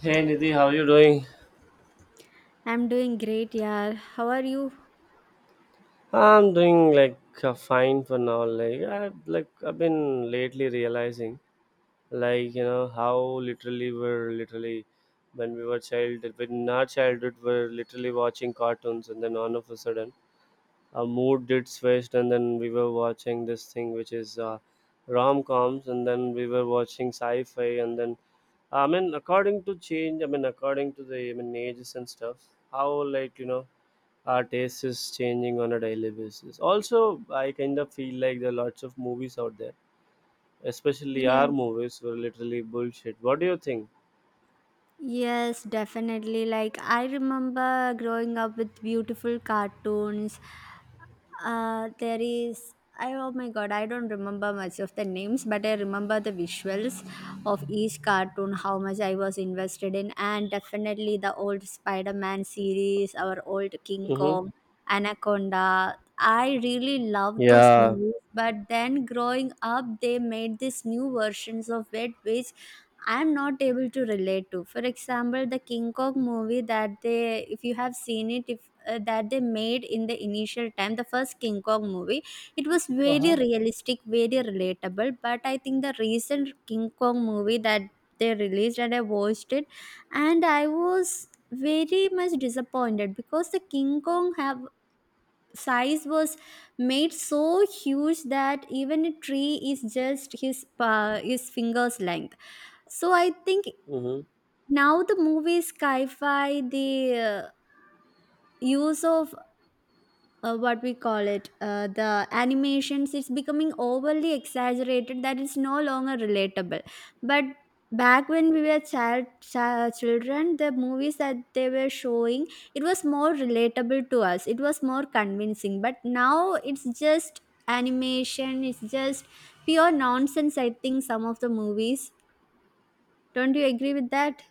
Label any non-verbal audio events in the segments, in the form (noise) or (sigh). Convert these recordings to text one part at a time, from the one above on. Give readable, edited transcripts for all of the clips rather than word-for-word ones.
Hey Nidhi, how you doing? I'm doing great, yeah. How are you? I'm doing like fine for now. Like I've been lately realizing, like you know how literally we're literally when our childhood we're literally watching cartoons, and then all of a sudden our mood did switched, and then we were watching this thing which is rom coms, and then we were watching sci-fi, and then I mean according to the ages and stuff, how like you know our taste is changing on a daily basis. Also, I kind of feel like there are lots of movies out there, especially our Yes, movies, were literally bullshit. What do you think? yes, definitely. Like I remember growing up with beautiful cartoons. There is I oh my God, I don't remember much of the names, but I remember the visuals of each cartoon, how much I was invested in, and definitely the old Spider-Man series, our old King Mm-hmm. Kong, Anaconda. I really loved those Yeah. movies, but then growing up, they made these new versions of it, which I'm not able to relate to. For example, the King Kong movie if you have seen it, if that they made in the initial time, the first King Kong movie, it was very Uh-huh. realistic, very relatable. But I think the recent King Kong movie that they released and I watched it, and I was very much disappointed, because the King Kong have size was made so huge that even a tree is just his fingers length. So I think Mm-hmm. now the movie sci-fi, the use of what we call it, the animations, it's becoming overly exaggerated that is no longer relatable. But back when we were children, the movies that they were showing, it was more relatable to us, it was more convincing, but now it's just animation, it's just pure nonsense, I think, some of the movies. Don't you agree with that?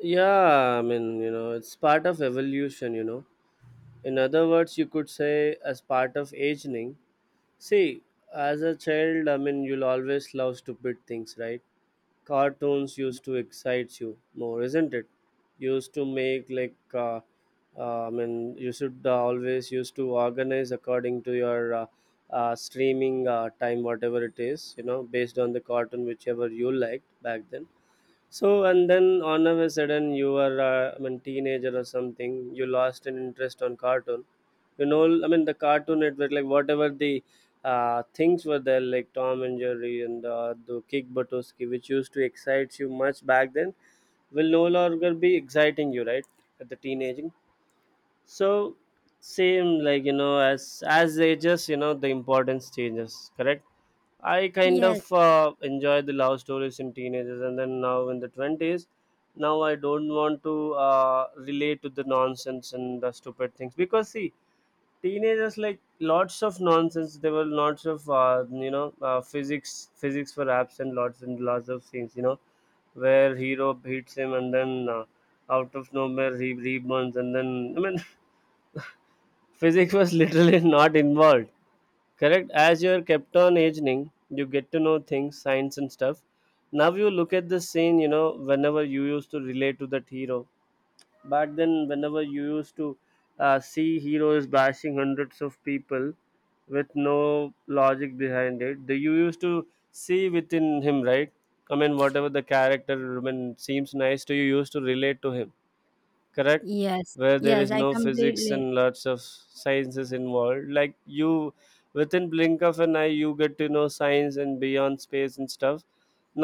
Yeah, I mean, you know, it's part of evolution, you know. In other words, you could say as part of aging. See, as a child, I mean, you'll always love stupid things, right? Cartoons used to excite you more, isn't it? Used to make like, I mean, you should always used to organize according to your streaming time, whatever it is, you know, based on the cartoon whichever you liked back then. So and then on of a sudden you were I mean teenager or something, you lost an interest on cartoon, you know, I mean the Cartoon Network, like whatever the things were there like Tom and Jerry and the Kick Buttowski which used to excite you much back then will no longer be exciting you, right? At the teenaging. So same like you know, as ages, you know, the importance changes, correct? I kind Yes. of enjoy the love stories in teenagers, and then now in the 20s, now I don't want to relate to the nonsense and the stupid things because see, teenagers like lots of nonsense. There were lots of you know, physics were absent, lots and lots of scenes. You know, where hero beats him and then out of nowhere he reborns and then I mean (laughs) physics was literally (laughs) not involved. Correct. As you're kept on aging, you get to know things, science and stuff. Now you look at the scene, you know, whenever you used to relate to that hero. Back then, whenever you used to see heroes bashing hundreds of people with no logic behind it, the you used to see within him, right? I mean, whatever the character I mean, seems nice to you, you used to relate to him, correct, Yes, where there yes, is I no physics completely. and lots of sciences involved. Like you within blink of an eye you get to know science and beyond space and stuff,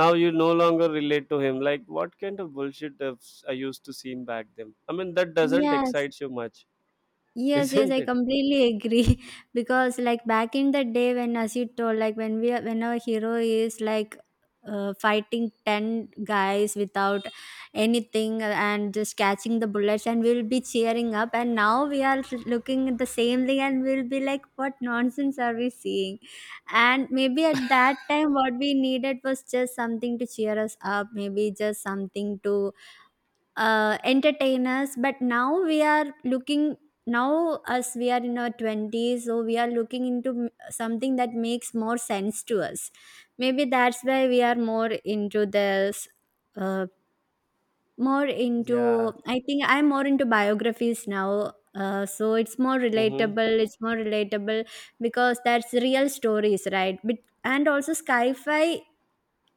now you no longer relate to him like what kind of bullshit have I used to seen back then. I mean, that doesn't Yes, excite you much. (laughs) yes, yes, Isn't I it? completely agree. (laughs) Because like back in the day, when as you told, like when our hero is like fighting ten guys without anything, and just catching the bullets, and we'll be cheering up. And now we are looking at the same thing, and we'll be like, what nonsense are we seeing? And maybe at that time, what we needed was just something to cheer us up. Maybe just something to entertainers, but now we are looking. Now as we are in our 20s, so we are looking into something that makes more sense to us. Maybe that's why we are more into this, uh, more into, Yeah. I think I'm more into biographies now, so it's more Mm-hmm. relatable. It's more relatable, because that's real stories, right? And also sci-fi,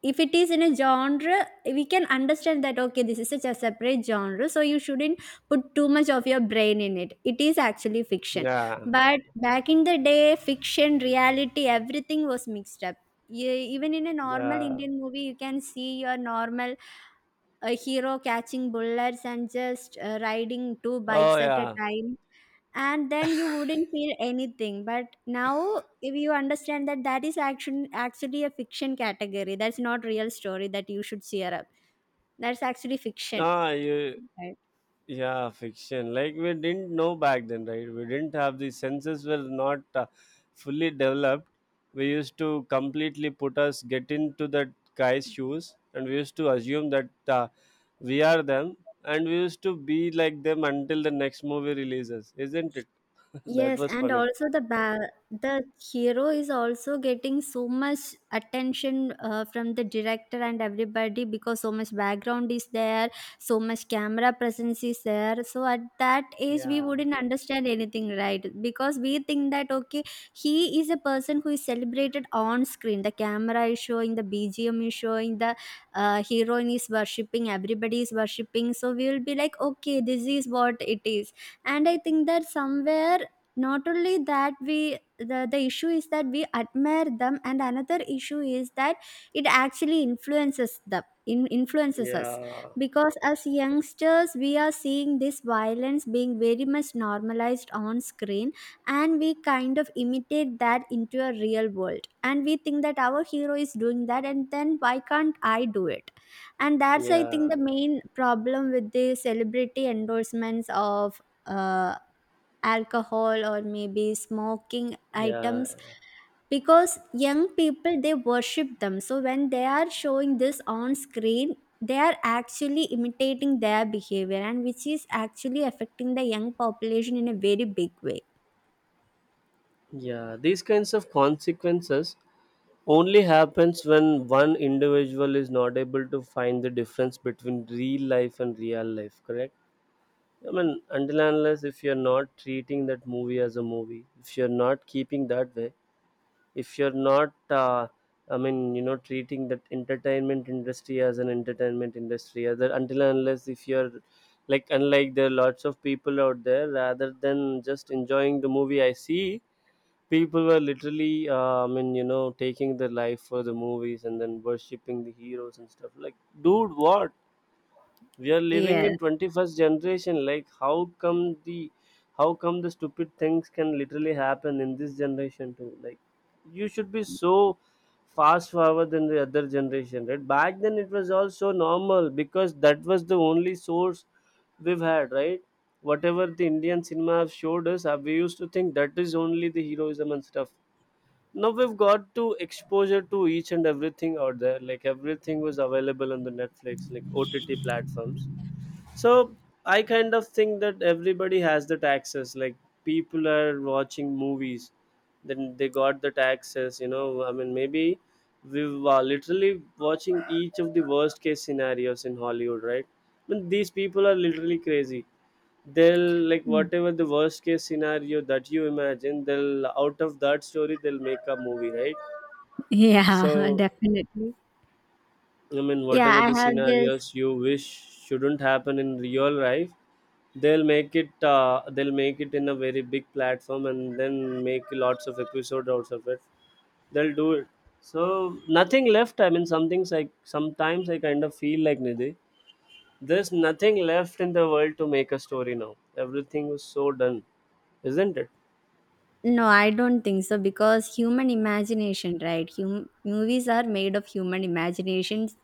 if it is in a genre, we can understand that okay, this is such a separate genre, so you shouldn't put too much of your brain in it, it is actually fiction. Yeah, But back in the day, fiction reality, everything was mixed up. Even in a normal yeah. Indian movie, you can see your normal, a hero catching bullets and just riding two Oh bikes at a yeah. time, and then you wouldn't feel anything. But now if you understand that that is action actually a fiction category, that's not real story that you should cheer up, that's actually fiction. Ah you. Yeah, fiction. Like we didn't know back then, right? We didn't have the senses were not fully developed. We used to completely put us get into that guy's shoes, and we used to assume that we are them, and we used to be like them until the next movie releases, isn't it? (laughs) That Yes, was and funny. also the hero is also getting so much attention from the director and everybody, because so much background is there, so much camera presence is there. So at that age, we wouldn't understand anything, right? Because we think that okay, he is a person who is celebrated on screen. The camera is showing, the BGM is showing, the heroine is worshipping, everybody is worshipping. So we will be like, okay, this is what it is. And I think that somewhere, not only that the issue is that we admire them, and another issue is that it actually influences us, Yeah, because as youngsters we are seeing this violence being very much normalized on screen, and we kind of imitate that into a real world, and we think that our hero is doing that, and then why can't I do it? And that's, I think, yeah, the main problem with the celebrity endorsements of uh, alcohol or maybe smoking yeah. items, because young people they worship them, so when they are showing this on screen, they are actually imitating their behavior, and which is actually affecting the young population in a very big way. Yeah, these kinds of consequences only happens when one individual is not able to find the difference between real life and real life, correct? I mean, until and unless if you're not treating that movie as a movie, if you're not keeping that way, if you're not, I mean, you know, treating that entertainment industry as an entertainment industry, other until and unless if you're like, unlike there are lots of people out there, rather than just enjoying the movie, I see people were literally I mean, you know, taking their life for the movies and then worshipping the heroes and stuff like, dude, what, we are living Yes. in 21st generation, like how come the, how come the stupid things can literally happen in this generation too, like you should be so fast forward than the other generation, right? Back then it was also normal because that was the only source we've had, right? Whatever the Indian cinema have showed us, we used to think that is only the heroism and stuff. Now we've got to exposure to each and everything out there, like everything was available on the Netflix, like OTT platforms. So I kind of think that everybody has that access, like people are watching movies, then they got that access, you know, I mean, maybe we were literally watching each of the worst case scenarios in Hollywood, right? I mean, these people are literally crazy. They'll like whatever the worst case scenario that you imagine, they'll out of that story they'll make a movie, right? So I mean Yeah, whatever I the have this. scenarios you wish shouldn't happen in real life, they'll make it, they'll make it in a very big platform and then make lots of episodes out of it, they'll do it. So nothing left, I mean some things like sometimes I kind of feel like, Nidhi, there's nothing left in the world to make a story now, everything was so done, isn't it? No, I don't think so, because human imagination, right? Movies are made of human imaginations,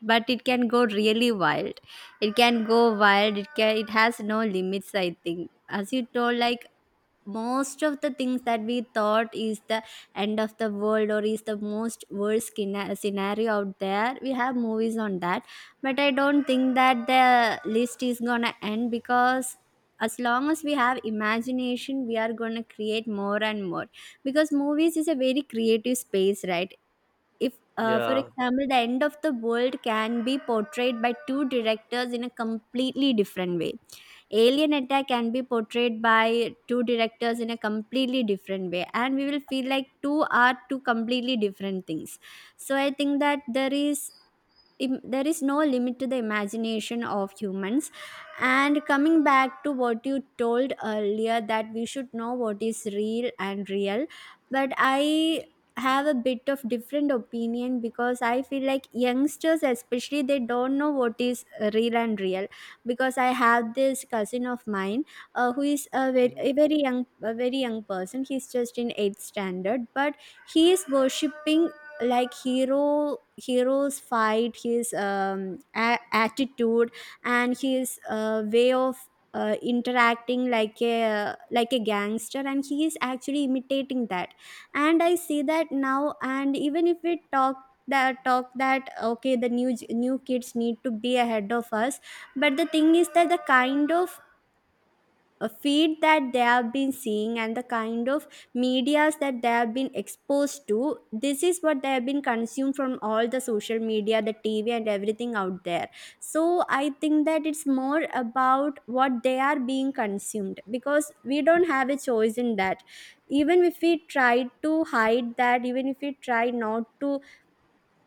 but it can go really wild. It can go wild. It can. It has no limits. I think, as you told, like most of the things that we thought is the end of the world, or is the most worst scenario out there, we have movies on that. But I don't think that the list is gonna end, because as long as we have imagination, we are gonna create more and more, because movies is a very creative space, right? if For Yeah. example, the end of the world can be portrayed by two directors in a completely different way. Alien attack can be portrayed by two directors in a completely different way, and we will feel like two are two completely different things. So I think that there is no limit to the imagination of humans. And coming back to what you told earlier, that we should know what is real and real, but I have a bit of different opinion, because I feel like youngsters especially, they don't know what is real and real. Because I have this cousin of mine, who is a very, Mhm. a very young a very young person, he's just in 8th standard, but he is worshipping, like hero's fight, his attitude, and his way of interacting like a gangster, and he is actually imitating that. And I see that now, and even if we talk that okay, the new kids need to be ahead of us. But the thing is that the kind of a feed that they have been seeing, and the kind of medias that they have been exposed to, this is what they have been consumed from, all the social media, the TV and everything out there. So I think that it's more about what they are being consumed, because we don't have a choice in that. Even if we try to hide that, even if we try not to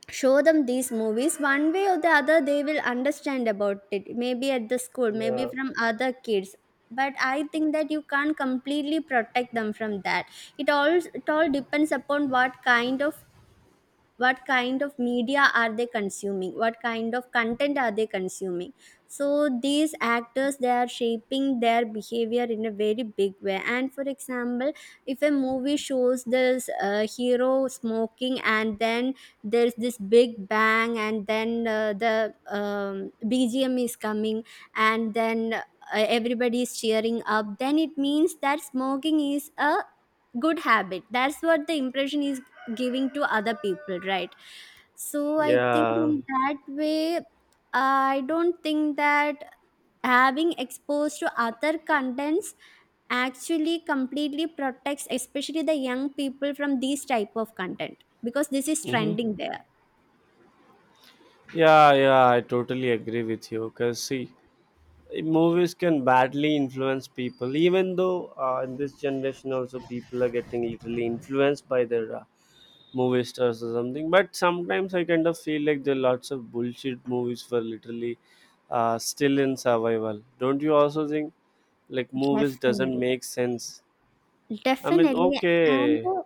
show them these movies, one way or the other they will understand about it, maybe at the school, maybe Yeah. from other kids. But I think that you can't completely protect them from that. It all depends upon what kind of media are they consuming, what kind of content are they consuming. So these actors, they are shaping their behavior in a very big way. And for example, if a movie shows this hero smoking, and then there's this big bang, and then the BGM is coming, and then everybody is cheering up, then it means that smoking is a good habit. That's what the impression is giving to other people, right? So I think Yeah. in that way, I don't think that having exposed to other contents actually completely protects, especially the young people, from these type of content, because this is trending there. Yeah. Yeah, I totally agree with you. Cause see, movies can badly influence people. Even though in this generation also people are getting literally influenced by their movie stars or something. But sometimes I kind of feel like there are lots of bullshit movies for literally still in survival. Don't you also think? Like movies doesn't Definitely. make sense. I mean, Definitely. and okay. the,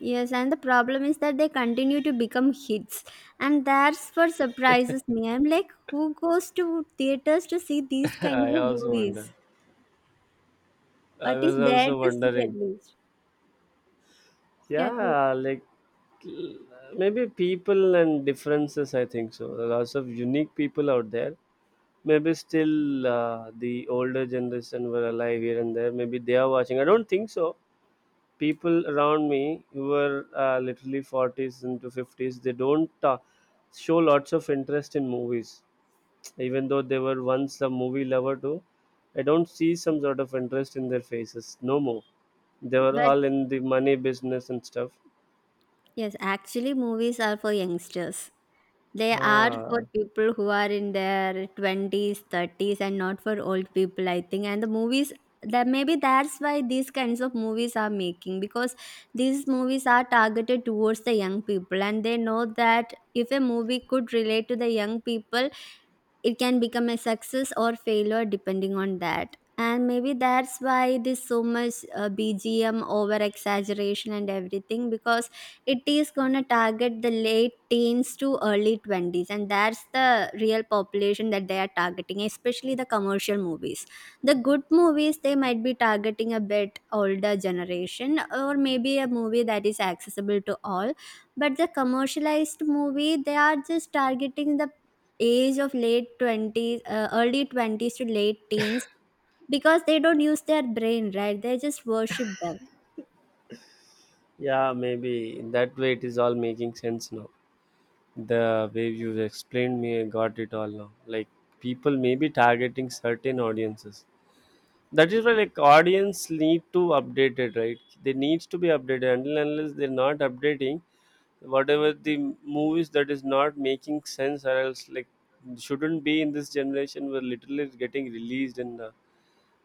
yes, and the problem is that they continue to become hits, and that's what surprises me. I'm like, who goes to theaters to see these (laughs) kinds I of also wonder. movies? I What is was there also to see at wondering. least? Yeah, okay. Yeah, like, l-, maybe people and differences, I think so lots of unique people out there. Maybe still the older generation were alive here and there, maybe they are watching, I don't think so. People around me who were literally 40s into 50s, they don't show lots of interest in movies, even though they were once a movie lover too. I don't see some sort of interest in their faces no more. They were But all in the money business and stuff. yes, actually, movies are for youngsters. They are for Ah, people who are in their 20s, 30s, and not for old people, I think. And the movies, that maybe that's why these kinds of movies are making, because these movies are targeted towards the young people, and they know that if a movie could relate to the young people, it can become a success or failure depending on that. And maybe that's why there's so much BGM over exaggeration and everything, because it is going to target the late teens to early 20s, and that's the real population that they are targeting, especially the commercial movies. The good movies, they might be targeting a bit older generation, or maybe a movie that is accessible to all. But the commercialized movie, they are just targeting the age of late 20s, early 20s to late teens, because they don't use their brain, right? They just worship them. yeah, maybe in that way it is all making sense now. The way you explained me, I got it all now. Like people may be targeting certain audiences. That is why like audience need to update it, right? They needs to be updated until and unless they're not updating whatever the movies that is not making sense or else like shouldn't be in this generation, were literally getting released and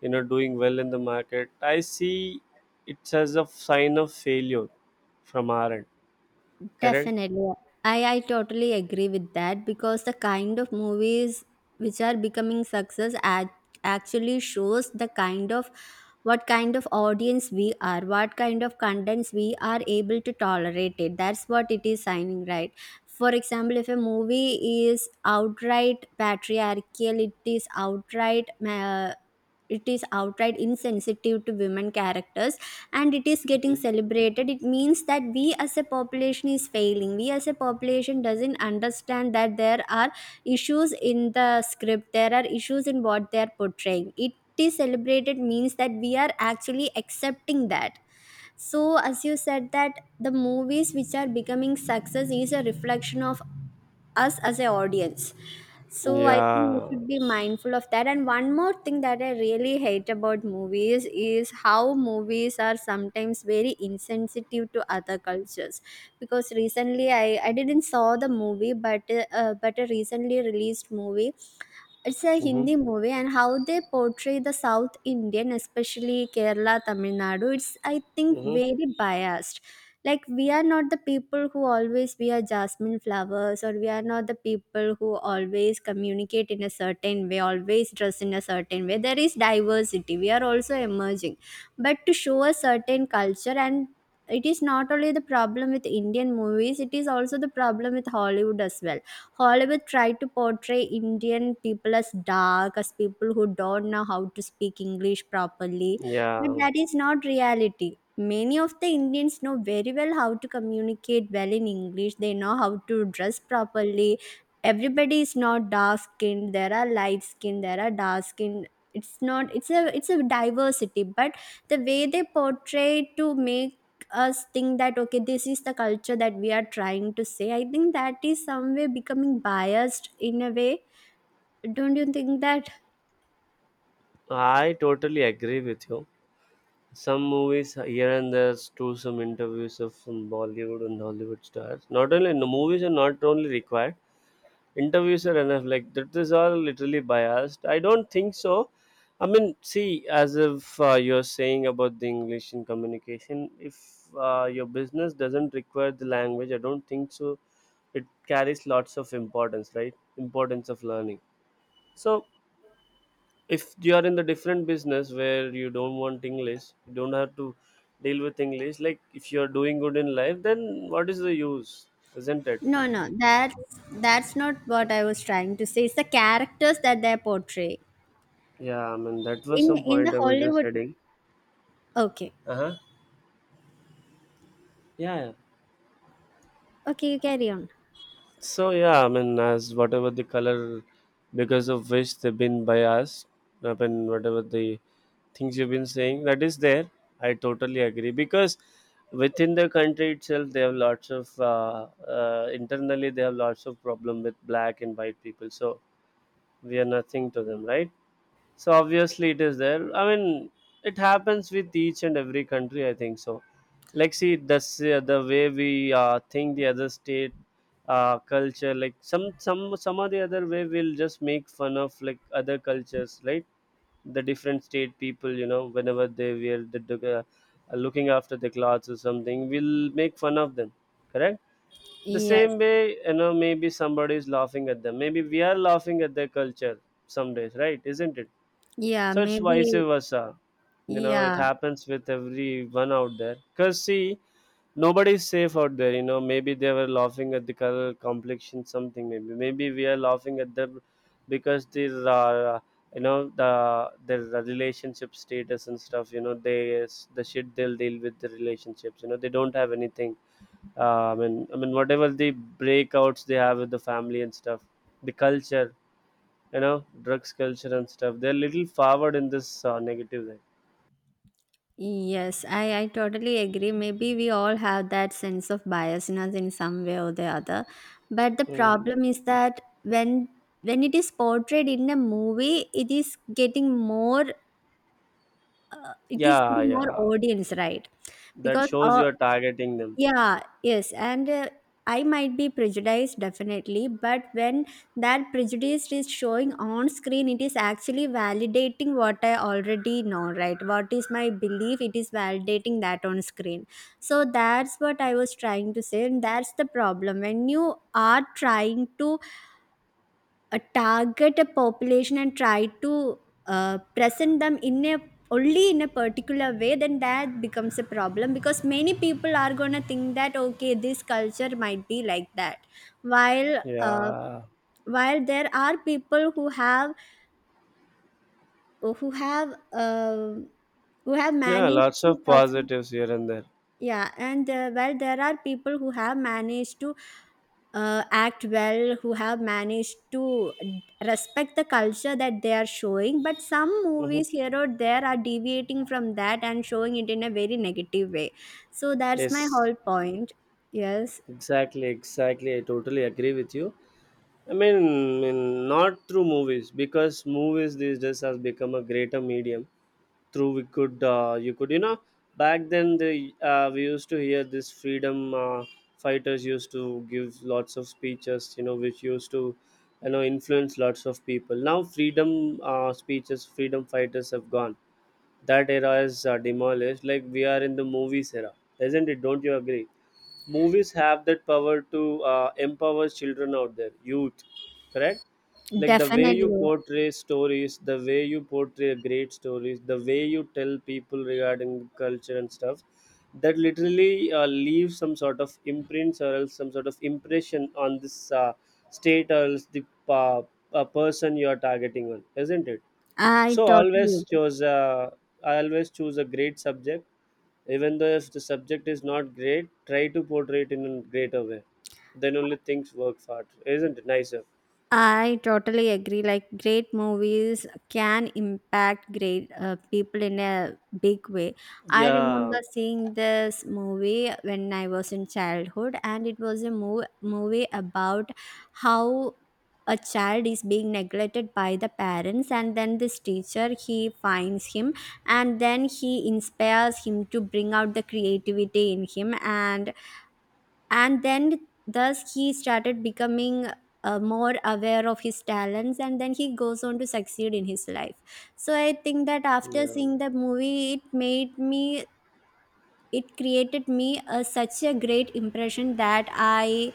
you know doing well in the market. I see it's as a sign of failure from our end. Correct? Definitely. I totally agree with that, because the kind of movies which are becoming success, actually shows the kind of, what kind of audience we are, what kind of contents we are able to tolerate it, that's what it is signing, right? For example, if a movie is outright patriarchal, it is outright ma it is outright insensitive to women characters, and it is getting celebrated, it means that we as a population is failing. We as a population doesn't understand that there are issues in the script, there are issues in what they are portraying. It is celebrated means that we are actually accepting that. So as you said that the movies which are becoming success is A reflection of us as an audience. So I think we Yeah. should be mindful of that, and one more thing that I really hate about movies is how movies are sometimes very insensitive to other cultures. Because recently I didn't saw the movie, but a recently released movie, it's a Hmm. Hindi movie, and how they portray the South Indian, especially Kerala, Tamil Nadu, it's I think Hmm. very biased. Like we are not the people who always wear jasmine flowers, or we are not the people who always communicate in a certain way, always dress in a certain way. There is diversity. We are also emerging, but to show a certain culture and it is not only the problem with Indian movies, it is also the problem with Hollywood as well. Hollywood tried to portray Indian people as dark, as people who don't know how to speak English properly, but Yeah, that is not reality. Many of the Indians know very well how to communicate well in English. They know how to dress properly. Everybody is not dark skinned. There are light skinned. There are dark skinned. It's not. It's a. It's a diversity. But the way they portray to make us think that okay, this is the culture that we are trying to say, I think that is some way becoming biased in a way. Don't you think that? I totally agree with you. Some movies here and there do some interviews of some Bollywood and Hollywood stars. Not only in the movies are not only required, interviews are enough. Like that is all literally biased. I don't think so. I mean, see, as if you're saying about the English in communication, if your business doesn't require the language, I don't think so. It carries lots of importance, right? Importance of learning. So if you are in the different business where you don't want English, you don't have to deal with English. Like if you are doing good in life, then what is the use, isn't it? No, no, that's not what I was trying to say. It's the characters that they're portraying Yeah, I mean that was in some point the I was just Hollywood. heading. Okay. Uh huh. Yeah, yeah. Okay, you carry on. So yeah, I mean, as whatever the color, because of which they've been biased, I mean, whatever the things you've been saying, that is there. I totally agree because within the country itself, they have lots of internally they have lots of problem with black and white people. So we are nothing to them, right? So obviously it is there. I mean, it happens with each and every country, I think so. Like see, that's the way we think the other state culture. Like some of the other way we'll just make fun of like other cultures, right? The different state people, you know, whenever they wear looking after the clothes or something, we'll make fun of them. Correct. The Yes. same way, you know, maybe somebody is laughing at them. Maybe we are laughing at their culture some days, right? Isn't it? Yeah, So it's vice maybe. versa. You know, it Yeah. happens with everyone out there because see, nobody's safe out there. You know, maybe they were laughing at the color complexion something, maybe we are laughing at them because these are you know the their relationship status and stuff. You know, they the shit they'll deal with the relationships, you know, they don't have anything. I mean whatever the breakouts they have with the family and stuff, the culture, you know, drugs culture and stuff, they're little forward in this negative way. Yes, I totally agree. Maybe we all have that sense of biasness in some way or the other. But the mm. problem is that when it is portrayed in a movie, it is getting more it is yeah getting more yeah audience, right? that Because shows you're targeting them. Yeah, yes, and I might be prejudiced definitely, but when that prejudice is showing on screen, it is actually validating what I already know, right? What is my belief? It is validating that on screen. So that's what I was trying to say, and that's the problem when you are trying to target a population and try to present them in a only in a particular way, then that becomes a problem because many people are going to think that okay, this culture might be like that, while uh, yeah while there are people who have who have uh, who have yeah managed lots to of perform. positives here and there. Yeah, and well, there are people who have managed to act well, who have managed to respect the culture that they are showing, but some hmm movies here or there are deviating from that and showing it in a very negative way. So that's my yes. whole point. Yes, Exactly, I totally agree with you. I mean, mean not through movies, because movies these days has become a greater medium through we could you could, you know, back then the we used to hear this freedom fighters used to give lots of speeches, you know, which used to, you know, influence lots of people. Now freedom speeches, freedom fighters have gone. That era is demolished. Like we are in the movies era, isn't it? Don't you agree? Movies have that power to empower children out there, youth. Correct. Like the way you definitely. portray stories, the way you portray great stories, the way you tell people regarding culture and stuff, that literally leaves some sort of imprints or else some sort of impression on this state or else the uh, person you are targeting on, isn't it? I So always totally agree. choose I always choose a great subject. Even though if the subject is not great, try to portray it in a greater way. Then only things work hard, isn't it nicer? I totally agree. Like, great movies can impact great people in a big way. I Yeah. remember seeing this movie when I was in childhood, and it was a movie about how a child is being neglected by the parents, and then this teacher, he finds him and then he inspires him to bring out the creativity in him, and then thus he started becoming more aware of his talents, and then he goes on to succeed in his life. So I think that after Yeah. seeing the movie, it made me, it created me a, such a great impression that i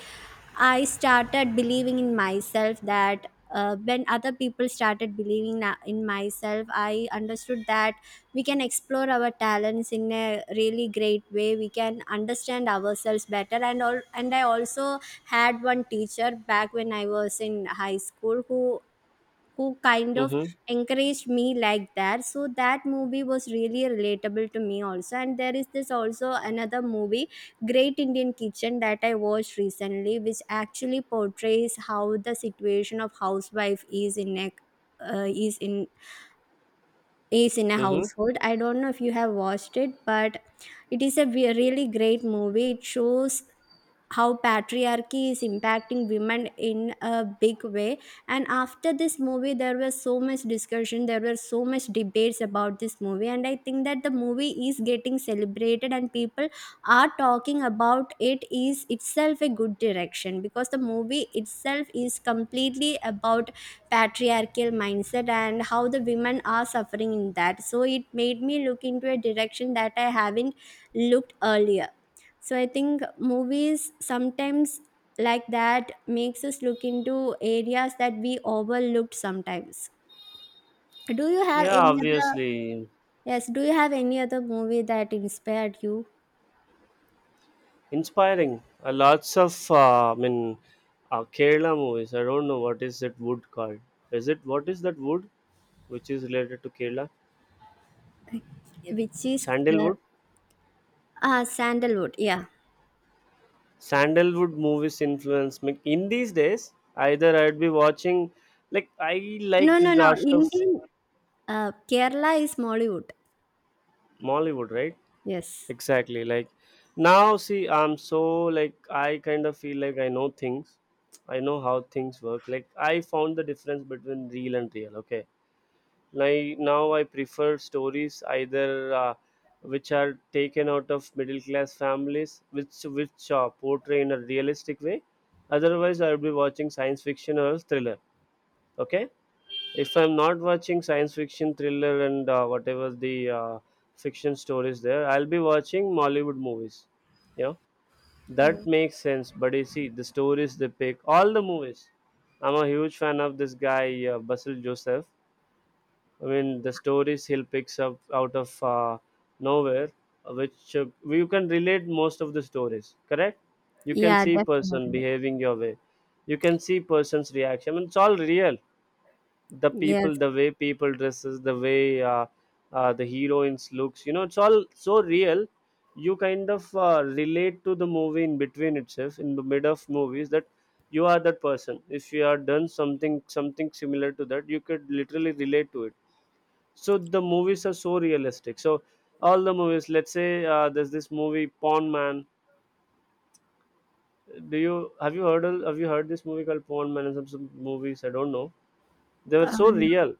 i started believing in myself that when other people started in myself, I understood that we can explore our talents in a really great way, we can understand ourselves better and all. And I also had one teacher back when I was in high school, who kind of Mm-hmm. encouraged me like that. So that movie was really relatable to me also. And there is this also another movie, Great Indian Kitchen, that I watched recently, which actually portrays how the situation of housewife is in a uh, is in is in a Mm-hmm. household. I don't know if you have watched it, but it is a really great movie. It shows how patriarchy is impacting women in a big way. And after this movie, there was so much discussion, there were so much debates about this movie, and I think that the movie is getting celebrated and people are talking about it is itself a good direction, because the movie itself is completely about patriarchal mindset and how the women are suffering in that. So it made me look into a direction that I haven't looked earlier. So I think movies sometimes like that makes us look into areas that we overlooked sometimes. Do you have Yeah, any other? obviously. Yes, do you have any other movie that inspired you? Inspiring lots of Kerala movies. I don't know what is that wood called. Is it, what is that wood which is related to Kerala? Which is uh, Sandalwood. Sandalwood, yeah. Sandalwood movies influence me in these days. Either I'd be watching, like I, No, like no, no. lots of Indian, Kerala is Mollywood. Mollywood, right? Yes. Exactly. Like now, see, I'm so, like I kind of feel like I know things. I know how things work. Like I found the difference between real and real. Okay. Like now, I prefer stories either which are taken out of middle class families, which portray in a realistic way. Otherwise, I would be watching science fiction or thriller. Okay, if I'm not watching science fiction thriller and whatever the fiction stories there, I'll be watching Mollywood movies, you know. That makes sense. But you see the stories they pick, all the movies. I'm a huge fan of this guy, Basil Joseph. I mean, the stories he'll picks up out of nowhere, which you can relate most of the stories, correct? You can Yeah, see person definitely. behaving your way, you can see person's reaction. I mean, it's all real. The Yes. people, the way people dresses, the way the heroines looks, you know, it's all so real. You kind of relate to the movie in between itself, in the mid of movies, that you are that person. If you are done something something similar to that, you could literally relate to it. So the movies are so realistic. So all the movies, let's say there's this movie Pawn Man. Do you have you heard have you heard this movie called Pawn Man? And some movies I don't know, they Uh, were so real.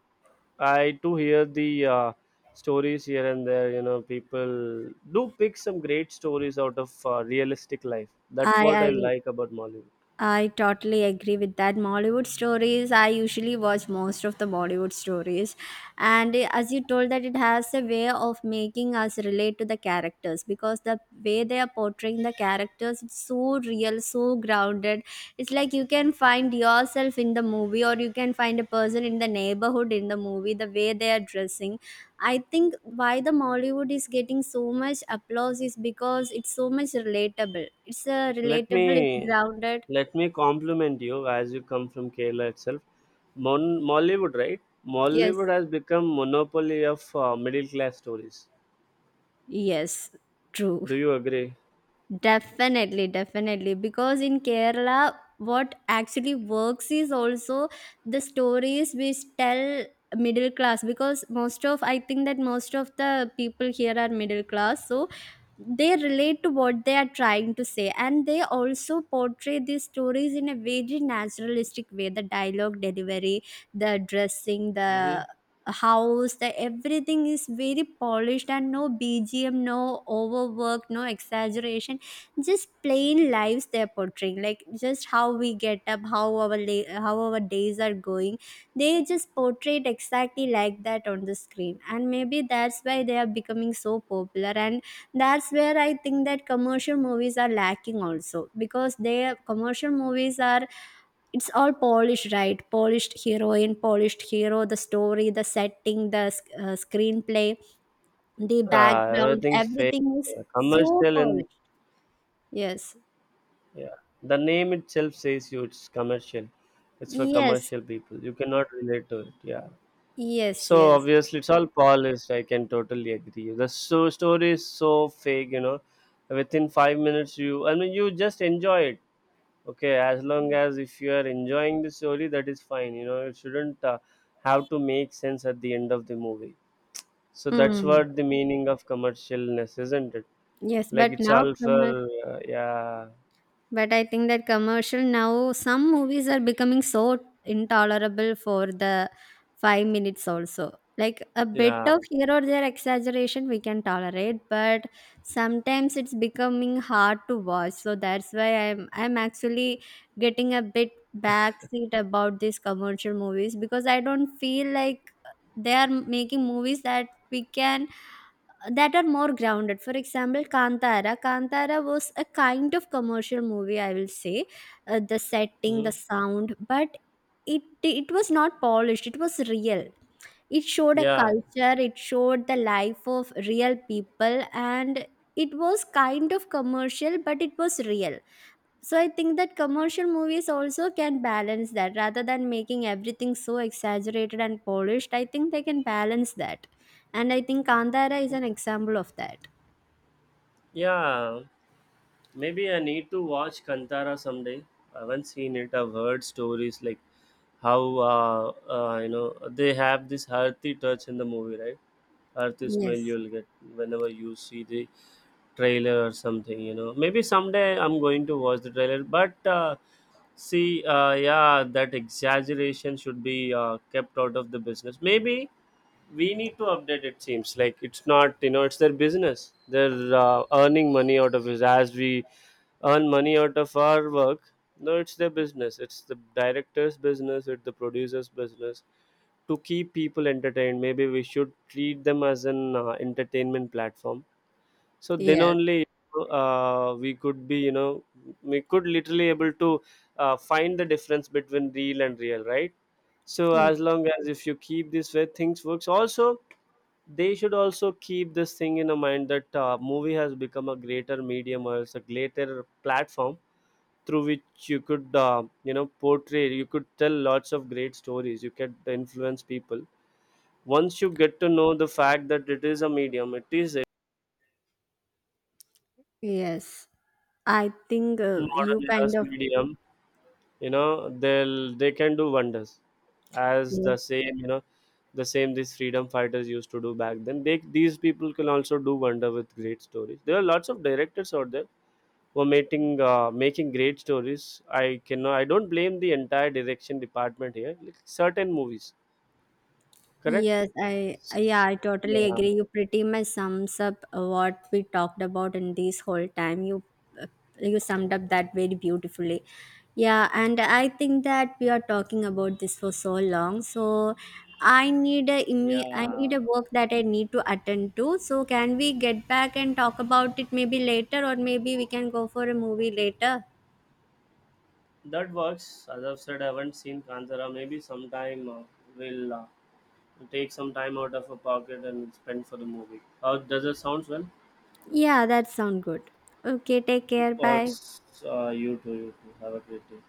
I do hear the stories here and there. You know, people do pick some great stories out of realistic life. That's I what I I like about Mollywood. I totally agree with that. Mollywood stories, I usually watch most of the Bollywood stories. And eh, as you told that it has a way of making us relate to the characters because the way they are portraying the characters, it's so real, so grounded. It's like you can find yourself in the movie, or you can find a person in the neighborhood in the movie, the way they are dressing. I think why the Mollywood is getting so much applause is because it's so much relatable. It's a Let relatable, it's me grounded. let me compliment you, as you come from Kerala itself. Mollywood, right? Yes, Mollywood has become monopoly of middle class stories. yes, true. Do you agree? Definitely, definitely. Because in Kerala, what actually works is also the stories which tell middle class. Because most of, I think that most of the people here are middle class. So they relate to what they are trying to say. And they also portray these stories in a very naturalistic way, the dialogue delivery, the dressing, the Mm-hmm. house, the everything is very polished, and no BGM, no overwork, no exaggeration, just plain lives they're portraying, like just how we get up, how how our days are going. They just portrayed exactly like that on the screen, and maybe that's why they are becoming so popular. And that's where I think that commercial movies are lacking also, because their commercial movies are, it's all polished, right? Polished heroine, polished hero, the story, the setting, the screenplay, the background, Everything's fake, everything is so commercial, and polished. Yes. yeah, the name itself says you it's commercial. It's for Yes. commercial people. You cannot relate to it. Yeah. Yes, So yes. obviously it's all polished. I can totally agree. The so story is so fake. You know, within 5 minutes you, I mean, you just enjoy it. Okay, as long as if you are enjoying the story, that is fine. You know, it shouldn't have to make sense at the end of the movie. So that's Mm. what the meaning of commercialness, isn't it? Yes, Like but it's now all commer- for yeah, but I think that commercial, now some movies are becoming so intolerable for the 5 minutes also. Like a bit yeah. of here or there exaggeration we can tolerate, but sometimes it's becoming hard to watch. So that's why I'm actually getting a bit backseat about these commercial movies, because I don't feel like they are making movies that we can, that are more grounded. For example, Kantara. Kantara was a kind of commercial movie, I will say, the setting, hmm the sound, but it was not polished. It was real. It showed a yeah. culture, it showed the life of real people, and it was kind of commercial, but it was real. So I think that commercial movies also can balance that, rather than making everything so exaggerated and polished. I think they can balance that. And I think Kandara is an example of that. Yeah, maybe I need to watch Kantara someday. I haven't seen it. I've heard stories like how you know, they have this earthy touch in the movie, right? Earthy smell Yes. you'll get whenever you see the trailer or something. You know, maybe someday I'm going to watch the trailer. But see, yeah, that exaggeration should be kept out of the business. Maybe we need to update. It seems like it's not, you know, it's their business. They're earning money out of it as we earn money out of our work. No, it's their business, it's the director's business, it's the producer's business to keep people entertained. Maybe we should treat them as an entertainment platform. So then Yes. only we could be, you know, we could literally able to find the difference between real and real, right? So Mm. as long as if you keep this way, things works also. They should also keep this thing in a mind that movie has become a greater medium, or it's a greater platform through which you could you know, portray, you could tell lots of great stories, you could influence people. Once you get to know the fact that it is a medium, it is a Yes. I think modern you kind era's of. medium, you know, they'll they can do wonders. As Yes. the same, you know, the same these freedom fighters used to do back then, they these people can also do wonder with great stories. There are lots of directors out there who are making making great stories. I cannot, I don't blame the entire direction department here, like certain movies, correct? Yes, I yeah, I totally Yeah, agree. You pretty much sums up what we talked about in this whole time. You uh, you summed up that very beautifully. Yeah, and I think that we are talking about this for so long. So I need a I need a work that I need to attend to. So can we get back and talk about it maybe later, or maybe we can go for a movie later? that works. As I've said, I haven't seen Kantara. Maybe sometime we'll take some time out of our pocket and spend for the movie. How does it sound? Well, Yeah, that sound good. Okay, take care. Bye. works. You too. You too. Have a great day.